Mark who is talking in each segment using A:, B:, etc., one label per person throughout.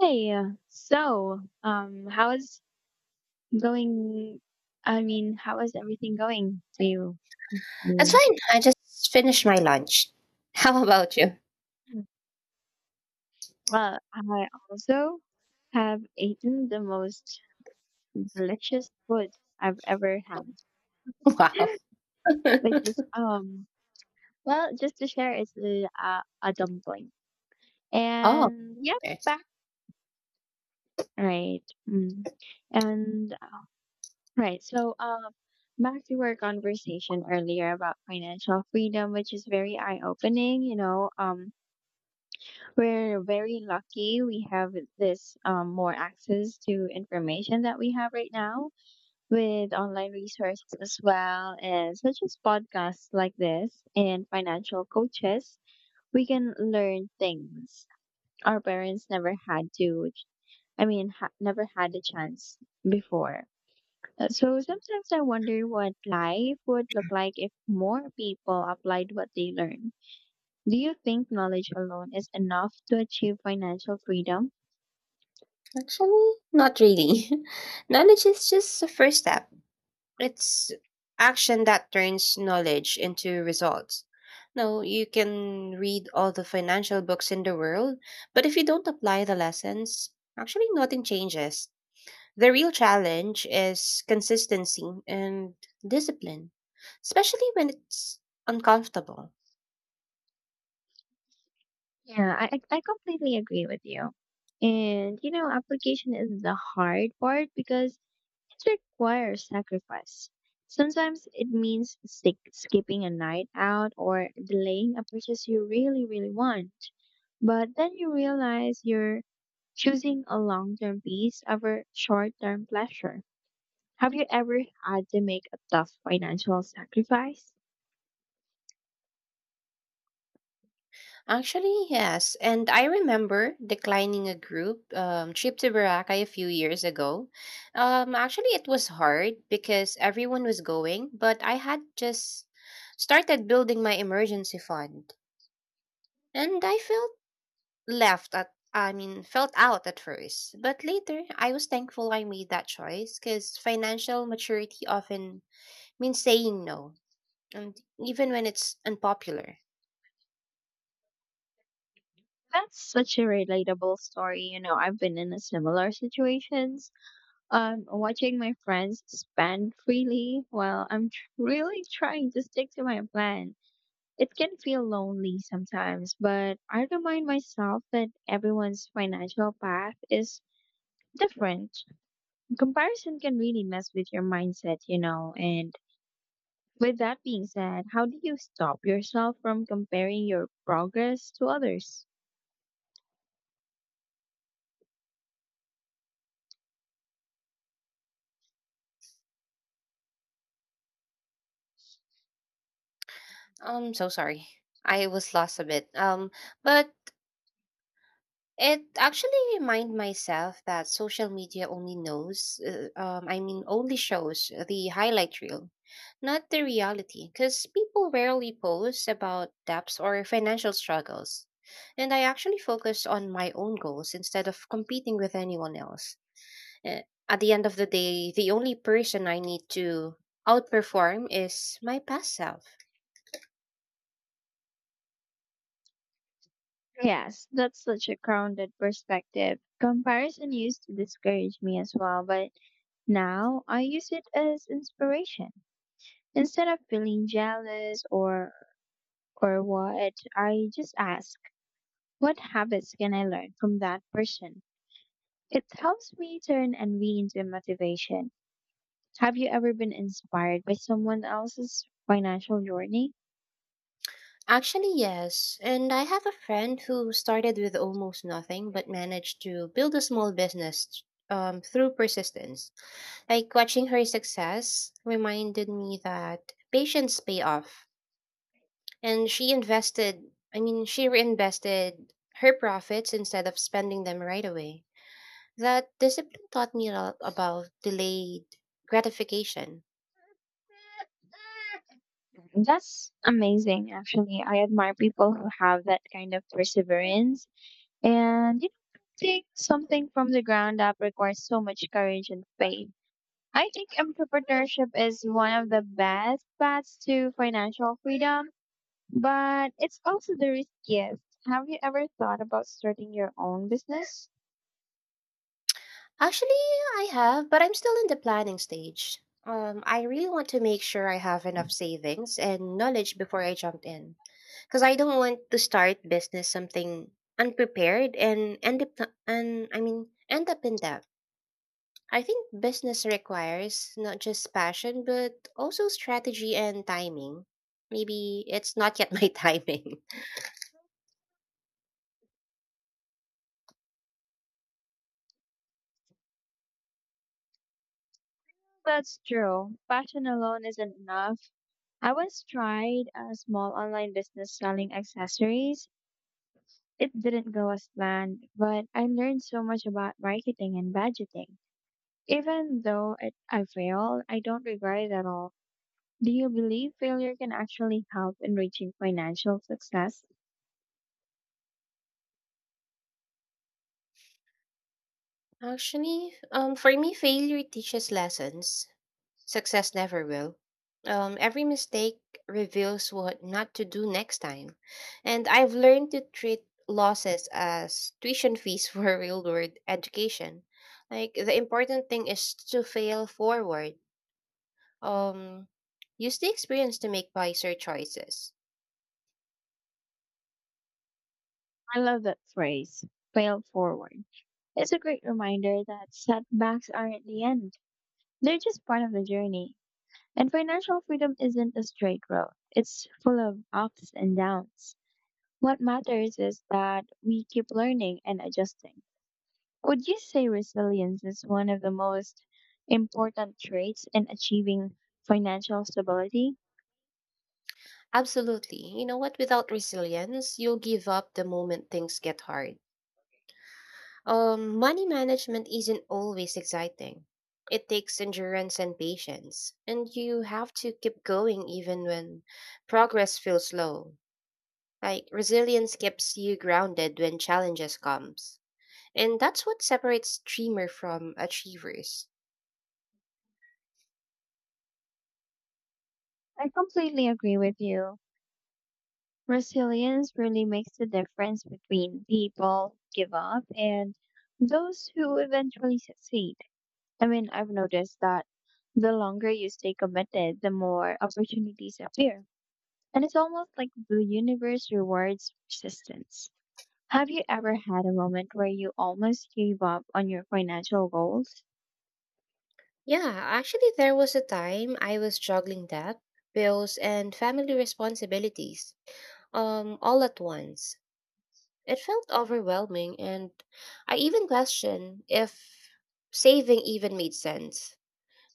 A: How is going? I mean, how is everything going for you?
B: That's
A: Mm.
B: fine. I just finished my lunch. How about you?
A: Mm. Well, I also have eaten the most delicious food I've ever had,
B: Wow.
A: which is, just to share, it's a dumpling.
B: Oh,
A: And yeah,
B: okay.
A: back, right. Mm. And Right. Back to our conversation earlier about financial freedom, which is very eye-opening. We're very lucky we have this more access to information that we have right now with online resources as well as such as podcasts like this and financial coaches. We can learn things our parents never had to. Never had the chance before. So sometimes I wonder what life would look like if more people applied what they learned. Do you think knowledge alone is enough to achieve financial freedom?
B: Actually, not really. Knowledge is just the first step. It's action that turns knowledge into results. No, you can read all the financial books in the world, but if you don't apply the lessons, actually nothing changes. The real challenge is consistency and discipline, especially when it's uncomfortable.
A: Yeah, I completely agree with you. And you know, application is the hard part because it requires sacrifice. Sometimes it means sk skipping a night out or delaying a purchase you really, really want. But then you realize you're choosing a long-term peace over short-term pleasure. Have you ever had to make a tough financial sacrifice?
B: Actually, yes. And I remember declining a group trip to Boracay a few years ago. Actually, it was hard because everyone was going, but I had just started building my emergency fund. And I felt I mean, felt out at first. But later, I was thankful I made that choice, because financial maturity often means saying no, and even when it's unpopular.
A: That's such a relatable story. You know, I've been in a similar situations. Watching my friends spend freely while really trying to stick to my plan. It can feel lonely sometimes, but I remind myself that everyone's financial path is different. Comparison can really mess with your mindset, and with that being said, how do you stop yourself from comparing your progress to others?
B: I'm so sorry. I was lost a bit. But it actually remind myself that social media only I mean, only shows the highlight reel, not the reality, because people rarely post about debts or financial struggles. And I actually focus on my own goals instead of competing with anyone else. Eh, At the end of the day, the only person I need to outperform is my past self.
A: Yes, that's such a grounded perspective. Comparison used to discourage me as well, but now I use it as inspiration. Instead of feeling jealous or what, I just ask, what habits can I learn from that person? It helps me turn envy into motivation. Have you ever been inspired by someone else's financial journey?
B: Actually, yes. And I have a friend who started with almost nothing but managed to build a small business through persistence. Like, watching her success reminded me that patience pay off. And she I mean, she reinvested her profits instead of spending them right away. That discipline taught me a lot about delayed gratification.
A: That's amazing, actually. I admire people who have that kind of perseverance. And you know, take something from the ground up requires so much courage and faith. I think entrepreneurship is one of the best paths to financial freedom, but it's also the riskiest. Have you ever thought about starting your own business?
B: Actually, I have, but I'm still in the planning stage. I really want to make sure I have enough savings and knowledge before I jump in, because I don't want to start business something unprepared and end up and I mean, end up in debt. I think business requires not just passion, but also strategy and timing. Maybe it's not yet my timing.
A: That's true. Passion alone isn't enough. I once tried a small online business selling accessories. It didn't go as planned, but I learned so much about marketing and budgeting. Even though it, I failed, I don't regret it at all. Do you believe failure can actually help in reaching financial success?
B: Actually, for me, failure teaches lessons. Success never will. Every mistake reveals what not to do next time. And I've learned to treat losses as tuition fees for real world education. Like, the important thing is to fail forward. Um, Use the experience to make wiser choices.
A: I love that phrase, fail forward. It's a great reminder that setbacks aren't the end. They're just part of the journey. And financial freedom isn't a straight road. It's full of ups and downs. What matters is that we keep learning and adjusting. Would you say resilience is one of the most important traits in achieving financial stability?
B: Absolutely. You know what? Without resilience, you'll give up the moment things get hard. Money management isn't always exciting. It takes endurance and patience, and you have to keep going even when progress feels slow. Like, resilience keeps you grounded when challenges comes. And that's what separates dreamer from achievers.
A: I completely agree with you. Resilience really makes the difference between people who give up and those who eventually succeed. I mean, I've noticed that the longer you stay committed, the more opportunities appear. And it's almost like the universe rewards persistence. Have you ever had a moment where you almost gave up on your financial goals?
B: Yeah, actually, there was a time I was juggling that, bills, and family responsibilities, all at once. It felt overwhelming, and I even questioned if saving even made sense.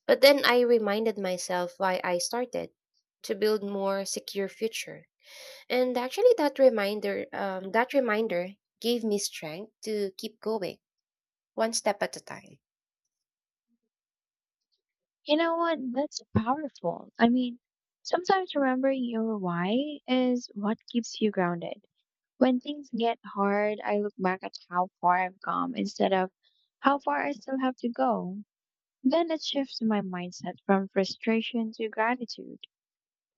B: But then I reminded myself why I started, to build more secure future. And actually, that reminder gave me strength to keep going, one step at a time.
A: You know what? That's powerful. I mean, sometimes remembering your why is what keeps you grounded. When things get hard, I look back at how far I've come instead of how far I still have to go. Then it shifts my mindset from frustration to gratitude.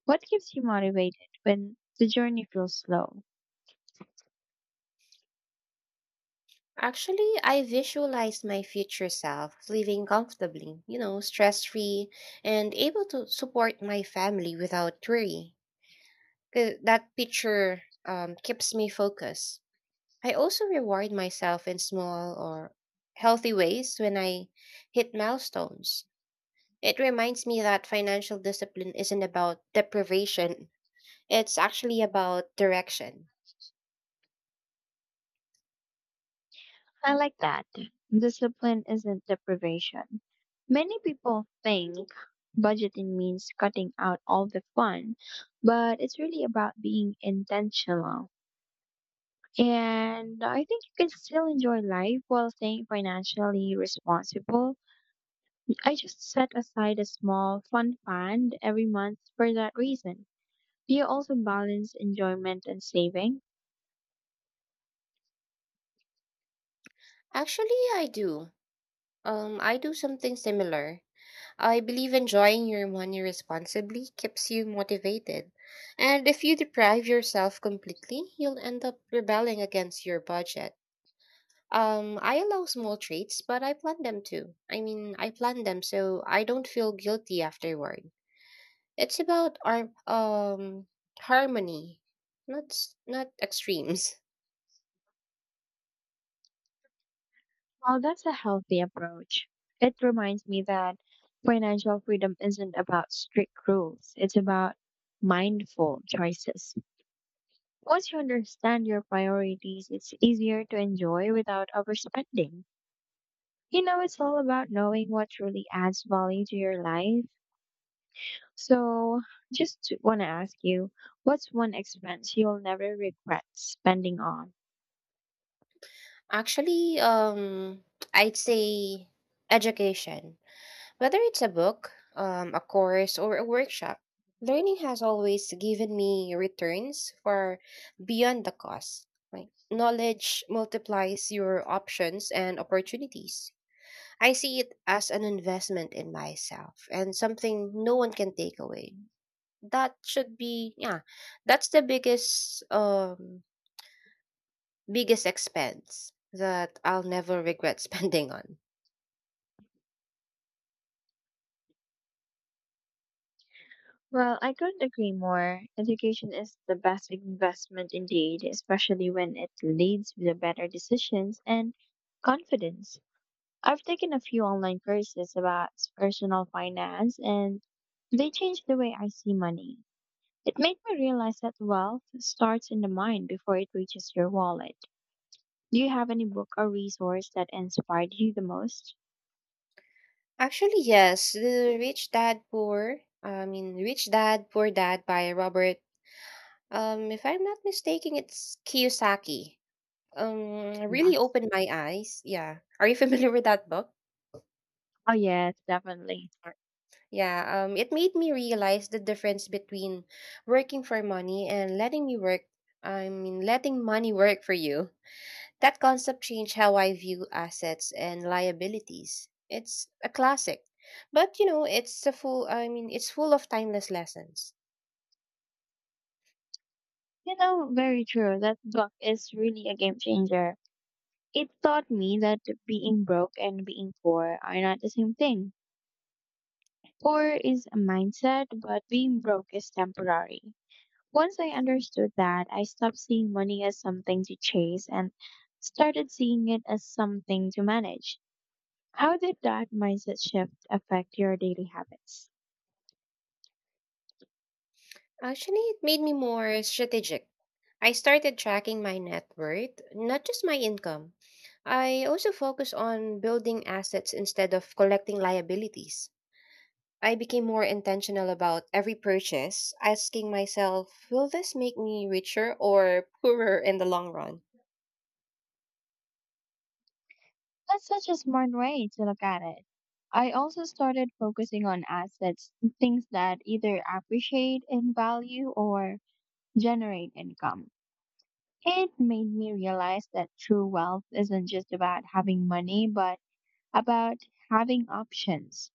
A: What keeps you motivated when the journey feels slow?
B: Actually, I visualize my future self living comfortably, you know, stress free, and able to support my family without worry. 'Cause that picture keeps me focused. I also reward myself in small or healthy ways when I hit milestones. It reminds me that financial discipline isn't about deprivation, it's actually about direction.
A: I like that. Discipline isn't deprivation. Many people think budgeting means cutting out all the fun, but it's really about being intentional. And I think you can still enjoy life while staying financially responsible. I just set aside a small fun fund every month for that reason. Do you also balance enjoyment and saving?
B: Actually, I do. I do something similar. I believe enjoying your money responsibly keeps you motivated. And if you deprive yourself completely, you'll end up rebelling against your budget. I allow small treats, but I plan them too. I mean, I plan them so I don't feel guilty afterward. It's about our harmony, not not extremes.
A: Well, that's a healthy approach. It reminds me that financial freedom isn't about strict rules, it's about mindful choices. Once you understand your priorities, it's easier to enjoy without overspending. You know, it's all about knowing what truly adds value to your life. So, just want to ask you, what's one expense you'll never regret spending on?
B: Actually, I'd say education. Whether it's a book, a course, or a workshop, learning has always given me returns far beyond the cost. Like, knowledge multiplies your options and opportunities. I see it as an investment in myself and something no one can take away. That should be, yeah, that's the biggest expense that I'll never regret spending on.
A: Well, I couldn't agree more. Education is the best investment indeed, especially when it leads to better decisions and confidence. I've taken a few online courses about personal finance and they changed the way I see money. It made me realize that wealth starts in the mind before it reaches your wallet. Do you have any book or resource that inspired you the most?
B: Actually, yes, the I mean, Rich Dad Poor Dad by Robert. If I'm not mistaken, it's Kiyosaki. Really
A: Yes.
B: opened my eyes. Yeah, are you familiar with that book?
A: Oh, yes, definitely.
B: Yeah. It made me realize the difference between working for money and letting me work. I mean, letting money work for you. That concept changed how I view assets and liabilities. It's a classic, but it's a full I mean it's full of timeless lessons.
A: You know, very true. That book is really a game changer. It taught me that being broke and being poor are not the same thing. Poor is a mindset, but being broke is temporary. Once I understood that, I stopped seeing money as something to chase and started seeing it as something to manage. How did that mindset shift affect your daily habits?
B: Actually, it made me more strategic. I started tracking my net worth, not just my income. I also focused on building assets instead of collecting liabilities. I became more intentional about every purchase, asking myself, will this make me richer or poorer in the long run?
A: That's such a smart way to look at it. I also started focusing on assets, things that either appreciate in value or generate income. It made me realize that true wealth isn't just about having money, but about having options.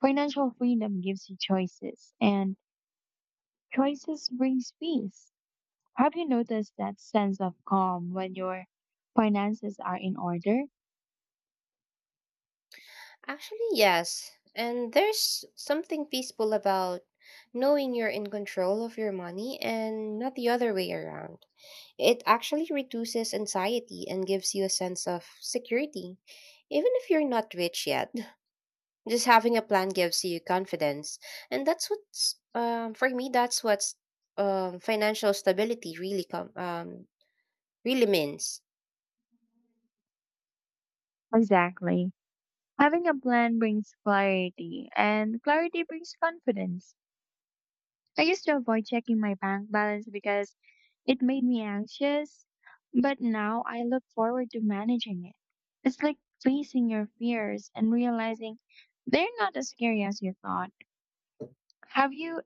A: Financial freedom gives you choices, and choices brings peace. Have you noticed that sense of calm when your finances are in order?
B: Actually, yes. And there's something peaceful about knowing you're in control of your money and not the other way around. It actually reduces anxiety and gives you a sense of security. Even if you're not rich yet, just having a plan gives you confidence. And for me, that's what's financial stability really really means.
A: Exactly. Having a plan brings clarity, and clarity brings confidence. I used to avoid checking my bank balance because it made me anxious, but now I look forward to managing it. It's like facing your fears and realizing they're not as scary as you thought. Have you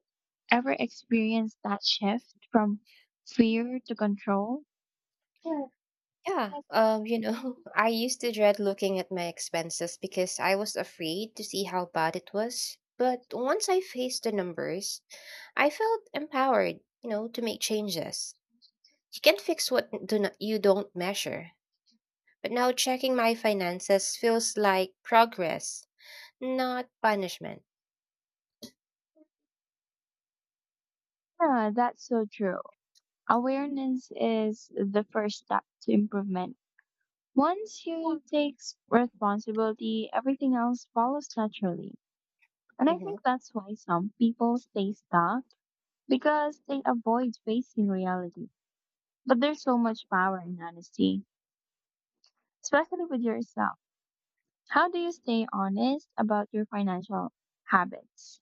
A: ever experienced that shift from fear to control? Yeah,
B: Yeah, I used to dread looking at my expenses because I was afraid to see how bad it was. But once I faced the numbers, I felt empowered, you know, to make changes. You can't fix what do not, you don't measure. But now checking my finances feels like progress, not punishment.
A: Yeah, That's so true. Awareness is the first step to improvement. Once you take responsibility, everything else follows naturally. And I
B: Mm-hmm.
A: think that's why some people stay stuck because they avoid facing reality. But there's so much power in honesty, especially with yourself. How do you stay honest about your financial habits?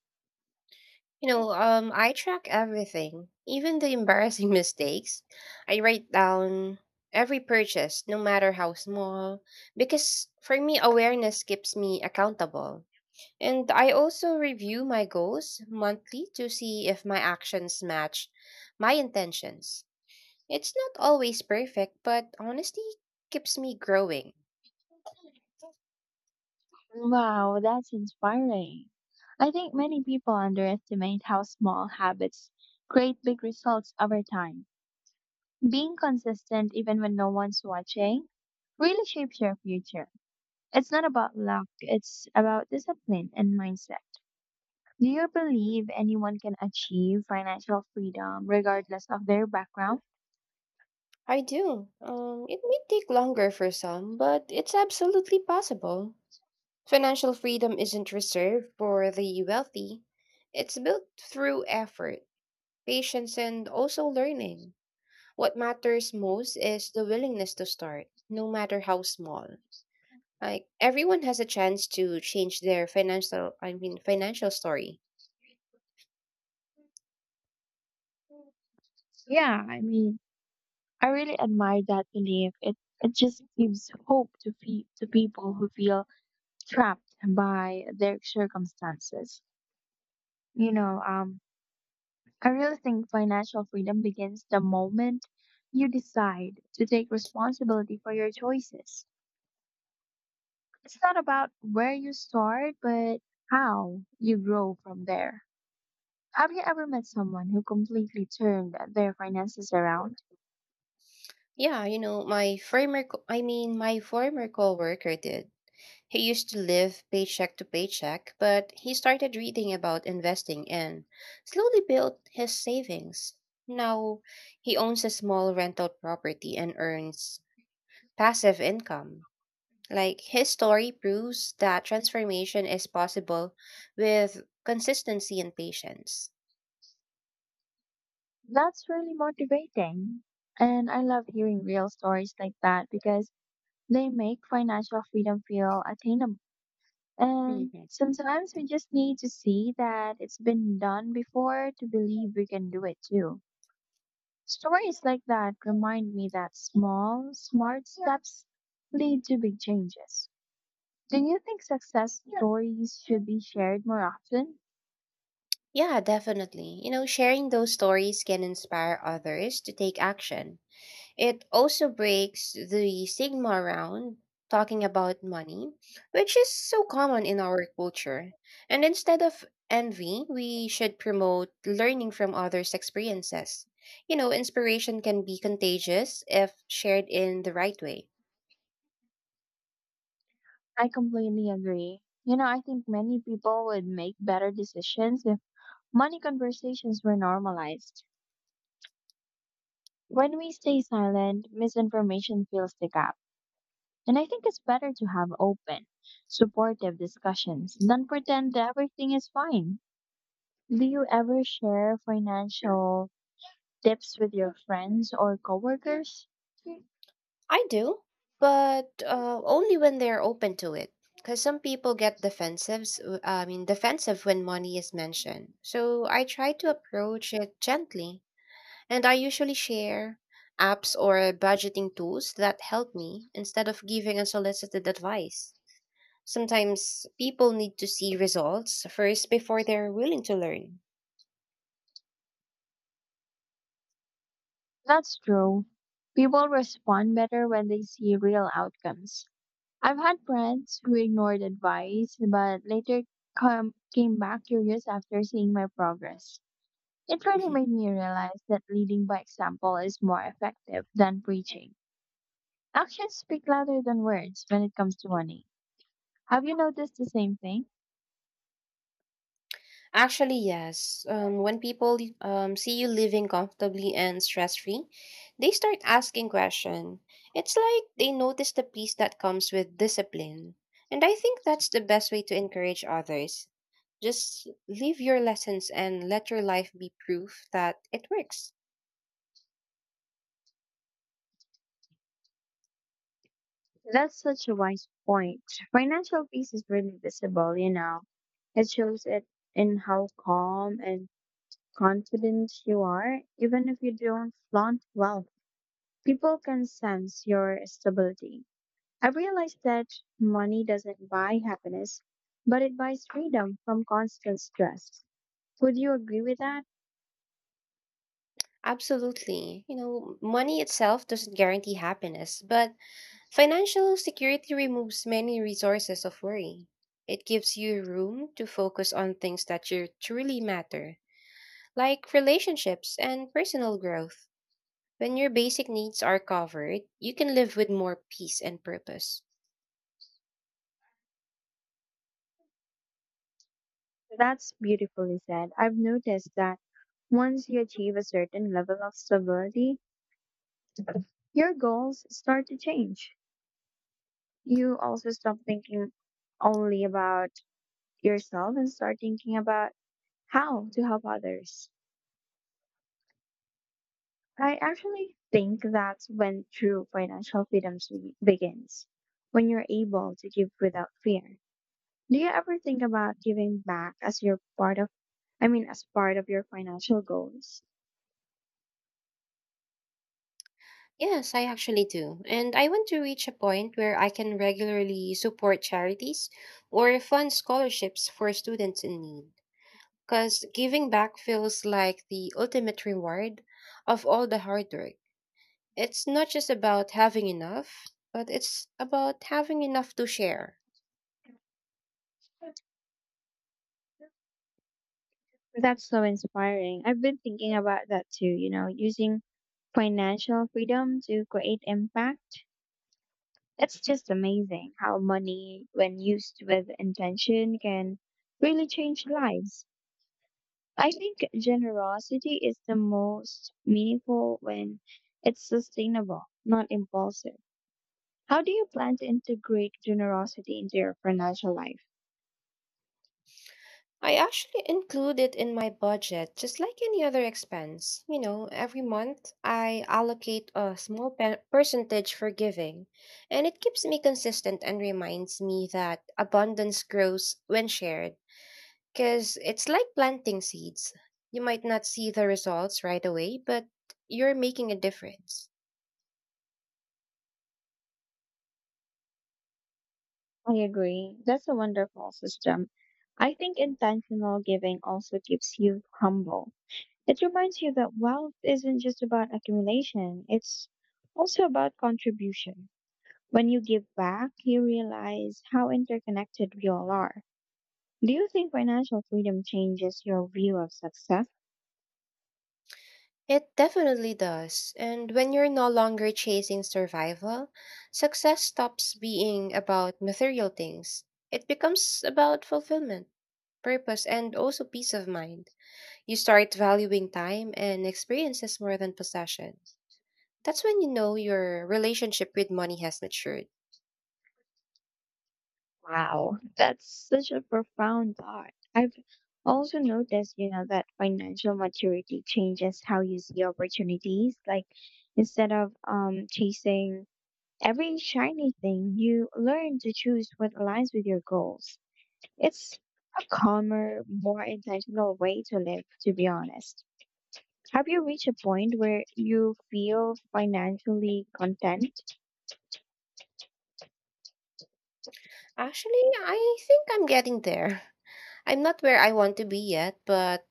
B: I track everything, even the embarrassing mistakes. I write down every purchase, no matter how small, because for me, awareness keeps me accountable. And I also review my goals monthly to see if my actions match my intentions. It's not always perfect, but honesty keeps me growing.
A: Wow, that's inspiring. I think many people underestimate how small habits create big results over time. Being consistent, even when no one's watching, really shapes your future. It's not about luck, it's about discipline and mindset. Do you believe anyone can achieve financial freedom regardless of their background?
B: I do. It may take longer for some, but it's absolutely possible. Financial freedom isn't reserved for the wealthy. It's built through effort, patience, and also learning. What matters most is the willingness to start, no matter how small. Like, everyone has a chance to change their financial I mean, financial story.
A: Yeah, I mean, I really admire that belief. It just gives hope to to people who feel trapped by their circumstances. You know, um, I really think financial freedom begins the moment you decide to take responsibility for your choices. It's not about where you start, but how you grow from there. Have you ever met someone who completely turned their finances around?
B: Yeah, my I mean, my former coworker did. He used to live paycheck to paycheck, but he started reading about investing and slowly built his savings. Now he owns a small rental property and earns passive income. Like, his story proves that transformation is possible with consistency and patience.
A: That's really motivating. And I love hearing real stories like that because they make financial freedom feel attainable. And
B: Mhm.
A: sometimes we just need to see that it's been done before to believe we can do it too. Stories like that remind me that small, smart steps lead to big changes. Do you think success stories should be shared more often?
B: Yeah, definitely. Sharing those stories can inspire others to take action. It also breaks the stigma around talking about money, which is so common in our culture. And instead of envy, we should promote learning from others' experiences. You know, inspiration can be contagious if shared in the right way.
A: I completely agree. You know, I think many people would make better decisions if money conversations were normalized. When we stay silent, misinformation fills the gap. And I think it's better to have open, supportive discussions than pretend that everything is fine. Do you ever share financial tips with your friends or coworkers?
B: I do, but only when they're open to it. Because some people get I mean, defensive when money is mentioned. So I try to approach it gently. And I usually share apps or budgeting tools that help me instead of giving unsolicited advice. Sometimes people need to see results first before they're willing to learn.
A: That's true. People respond better when they see real outcomes. I've had friends who ignored advice but later came back curious after seeing my progress. It really made me realize that leading by example is more effective than preaching. Actions speak louder than words when it comes to money. Have you noticed the same thing?
B: Actually, yes. When people see you living comfortably and stress free, they start asking questions. It's like they notice the peace that comes with discipline. And I think that's the best way to encourage others. Just live your lessons and let your life be proof that it works.
A: That's such a wise point. Financial peace is really visible, you know. It shows it in how calm and confident you are, even if you don't flaunt wealth. People can sense your stability. I've realized that money doesn't buy happiness, but it buys freedom from constant stress. Would you agree with that?
B: Absolutely. Money itself doesn't guarantee happiness, but financial security removes many resources of worry. It gives you room to focus on things that you truly matter, like relationships and personal growth. When your basic needs are covered, you can live with more peace and purpose.
A: That's beautifully said. I've noticed that once you achieve a certain level of stability, your goals start to change. You also stop thinking only about yourself and start thinking about how to help others. I actually think that's when true financial freedom begins, when you're able to give without fear. Do you ever think about giving back as your part of, I mean, as part of your financial goals?
B: Yes, I actually do. And I want to reach a point where I can regularly support charities or fund scholarships for students in need. Because giving back feels like the ultimate reward of all the hard work. It's not just about having enough, but it's about having enough to share.
A: That's so inspiring. I've been thinking about that too, you know, using financial freedom to create impact. It's just amazing how money, when used with intention, can really change lives. I think generosity is the most meaningful when it's sustainable, not impulsive. How do you plan to integrate generosity into your financial life?
B: I actually include it in my budget just like any other expense. You know, every month I allocate a percentage for giving, and it keeps me consistent and reminds me that abundance grows when shared. Because it's like planting seeds. You might not see the results right away, but you're making a difference.
A: I agree. That's a wonderful system. I think intentional giving also keeps you humble. It reminds you that wealth isn't just about accumulation, it's also about contribution. When you give back, you realize how interconnected we all are. Do you think financial freedom changes your view of success?
B: It definitely does. And when you're no longer chasing survival, success stops being about material things. It becomes about fulfillment, purpose, and also peace of mind. You start valuing time and experiences more than possession. That's when you know your relationship with money has matured.
A: Wow, that's such a profound thought. I've also noticed, you know, that financial maturity changes how you see opportunities. Like instead of chasing every shiny thing, you learn to choose what aligns with your goals. It's a calmer, more intentional way to live, to be honest. Have you reached a point where you feel financially content?
B: Actually, I think I'm getting there. I'm not where I want to be yet, but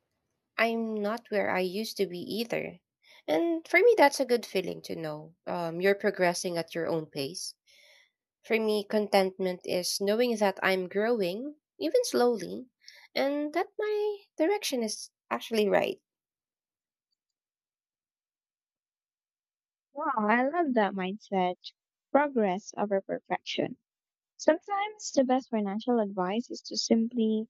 B: I'm not where I used to be either. And for me, that's a good feeling, to know you're progressing at your own pace. For me, contentment is knowing that I'm growing, even slowly, and that my direction is actually right.
A: Wow, I love that mindset. Progress over perfection. Sometimes the best financial advice is to simply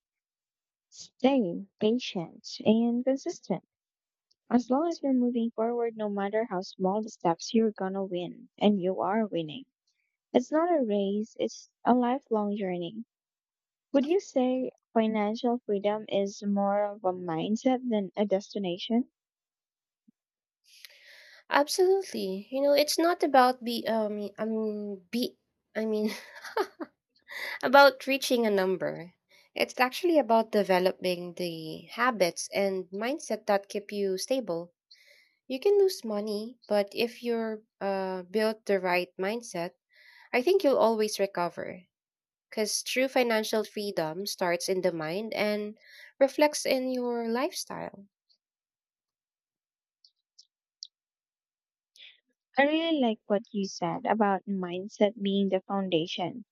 A: stay patient and consistent. As long as you're moving forward, no matter how small the steps, you're gonna win, and you are winning. It's not a race, it's a lifelong journey. Would you say financial freedom is more of a mindset than a destination?
B: Absolutely. It's not about be I mean be I mean about reaching a number. It's actually about developing the habits and mindset that keep you stable. You can lose money, but if you're built the right mindset, I think you'll always recover. Because true financial freedom starts in the mind and reflects in your lifestyle.
A: I really like what you said about mindset being the foundation.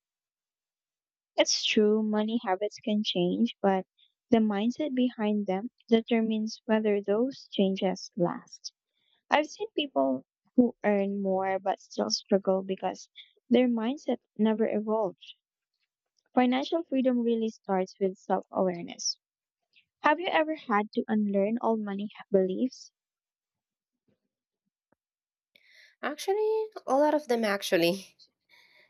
A: It's true, money habits can change, but the mindset behind them determines whether those changes last. I've seen people who earn more but still struggle because their mindset never evolved. Financial freedom really starts with self awareness. Have you ever had to unlearn old money beliefs?
B: Actually, a lot of them actually.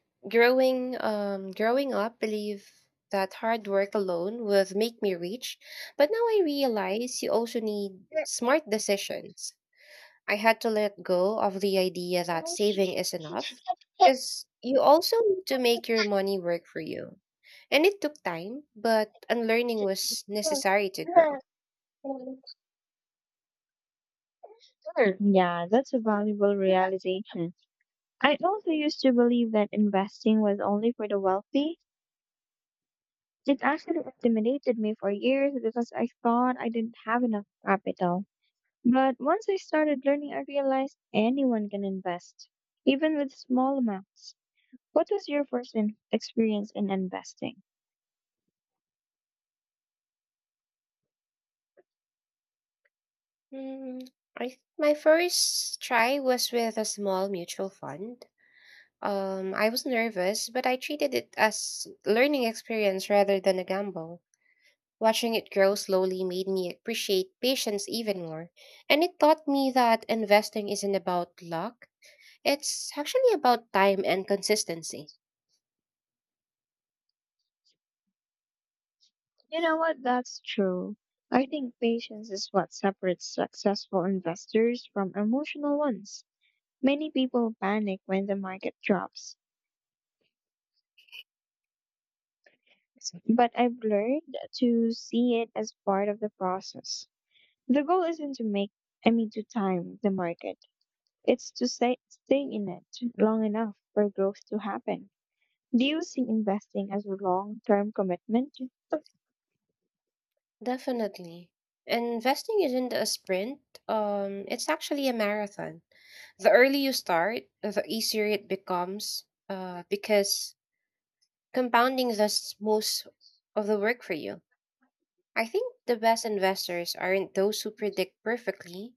B: Growing up, believe that hard work alone would make me rich, but now I realize you also need smart decisions. I had to let go of the idea that saving is enough, because you also need to make your money work for you. And it took time, but unlearning was necessary to grow.
A: Yeah, that's a valuable realization. I also used to believe that investing was only for the wealthy. It actually intimidated me for years because I thought I didn't have enough capital. But once I started learning, I realized anyone can invest, even with small amounts. What was your first experience in investing?
B: Hmm, my first try was with a small mutual fund. I was nervous, but I treated it as learning experience rather than a gamble. Watching it grow slowly made me appreciate patience even more, and it taught me that investing isn't about luck. It's actually about time and consistency.
A: You know what? That's true. I think patience is what separates successful investors from emotional ones. Many people panic when the market drops but I've learned to see it as part of the process. The goal isn't to make, I mean, to time the market. It's to stay in it long enough for growth to happen. Do you see investing as a long-term commitment?
B: Definitely. Investing isn't a sprint, it's actually a marathon. The early you start, the easier it becomes, because compounding does most of the work for you. I think the best investors aren't those who predict perfectly,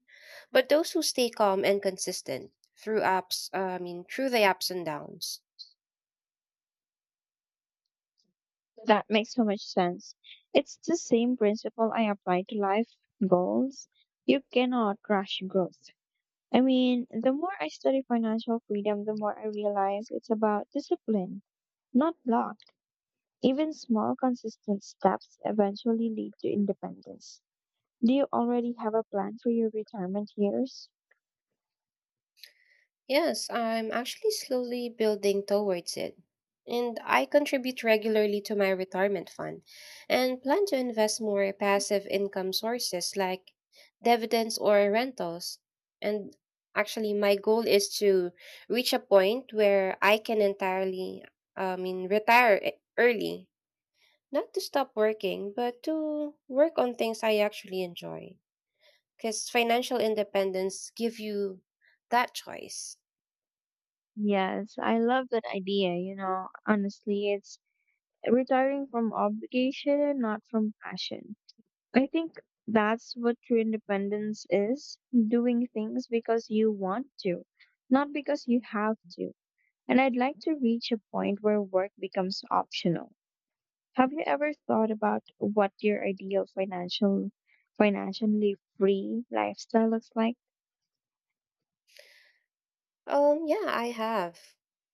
B: but those who stay calm and consistent through I mean, through the ups and downs.
A: That makes so much sense. It's the same principle I apply to life goals. You cannot rush growth. I mean, the more I study financial freedom, the more I realize it's about discipline, not luck. Even small, consistent steps eventually lead to independence. Do you already have a plan for your retirement years?
B: Yes, I'm actually slowly building towards it. And I contribute regularly to my retirement fund and plan to invest more passive income sources like dividends or rentals. And actually, my goal is to reach a point where I can I mean, retire early. Not to stop working, but to work on things I actually enjoy. Because financial independence give you that choice.
A: Yes, I love that idea. You know, honestly, it's retiring from obligation and not from passion. I think that's what true independence is, doing things because you want to, not because you have to. And I'd like to reach a point where work becomes optional. Have you ever thought about what your ideal financially free lifestyle looks like?
B: Yeah, I have.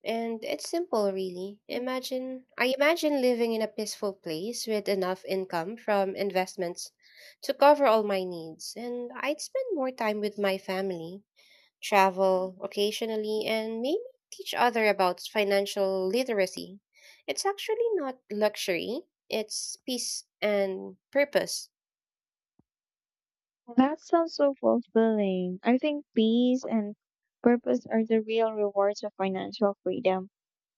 B: And it's simple, really. I imagine living in a peaceful place with enough income from investments to cover all my needs. And I'd spend more time with my family, travel occasionally, and maybe teach other about financial literacy. It's actually not luxury, it's peace and purpose.
A: That sounds so fulfilling. I think peace and purpose are the real rewards of financial freedom.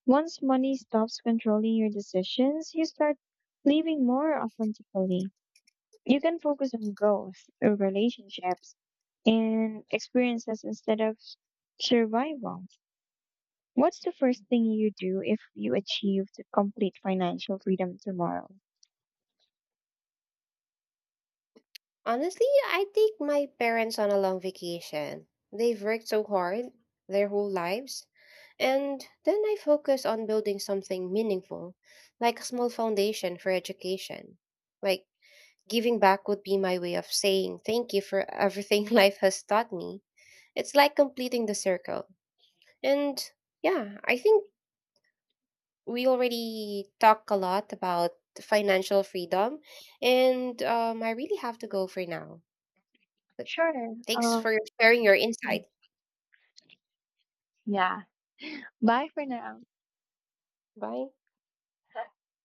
A: Once money stops controlling your decisions, you start living more authentically. You can focus on growth, relationships, and experiences instead of survival. What's the first thing you do if you achieved complete financial freedom tomorrow?
B: Honestly, I take my parents on a long vacation. They've worked so hard their whole lives. And then I focus on building something meaningful, like a small foundation for education. Like, giving back would be my way of saying thank you for everything life has taught me. It's like completing the circle. And yeah, I think we already talk a lot about financial freedom, and I really have to go for now. But
A: Sure.
B: thanks for sharing your insight.
A: Yeah. Bye for now.
B: Bye.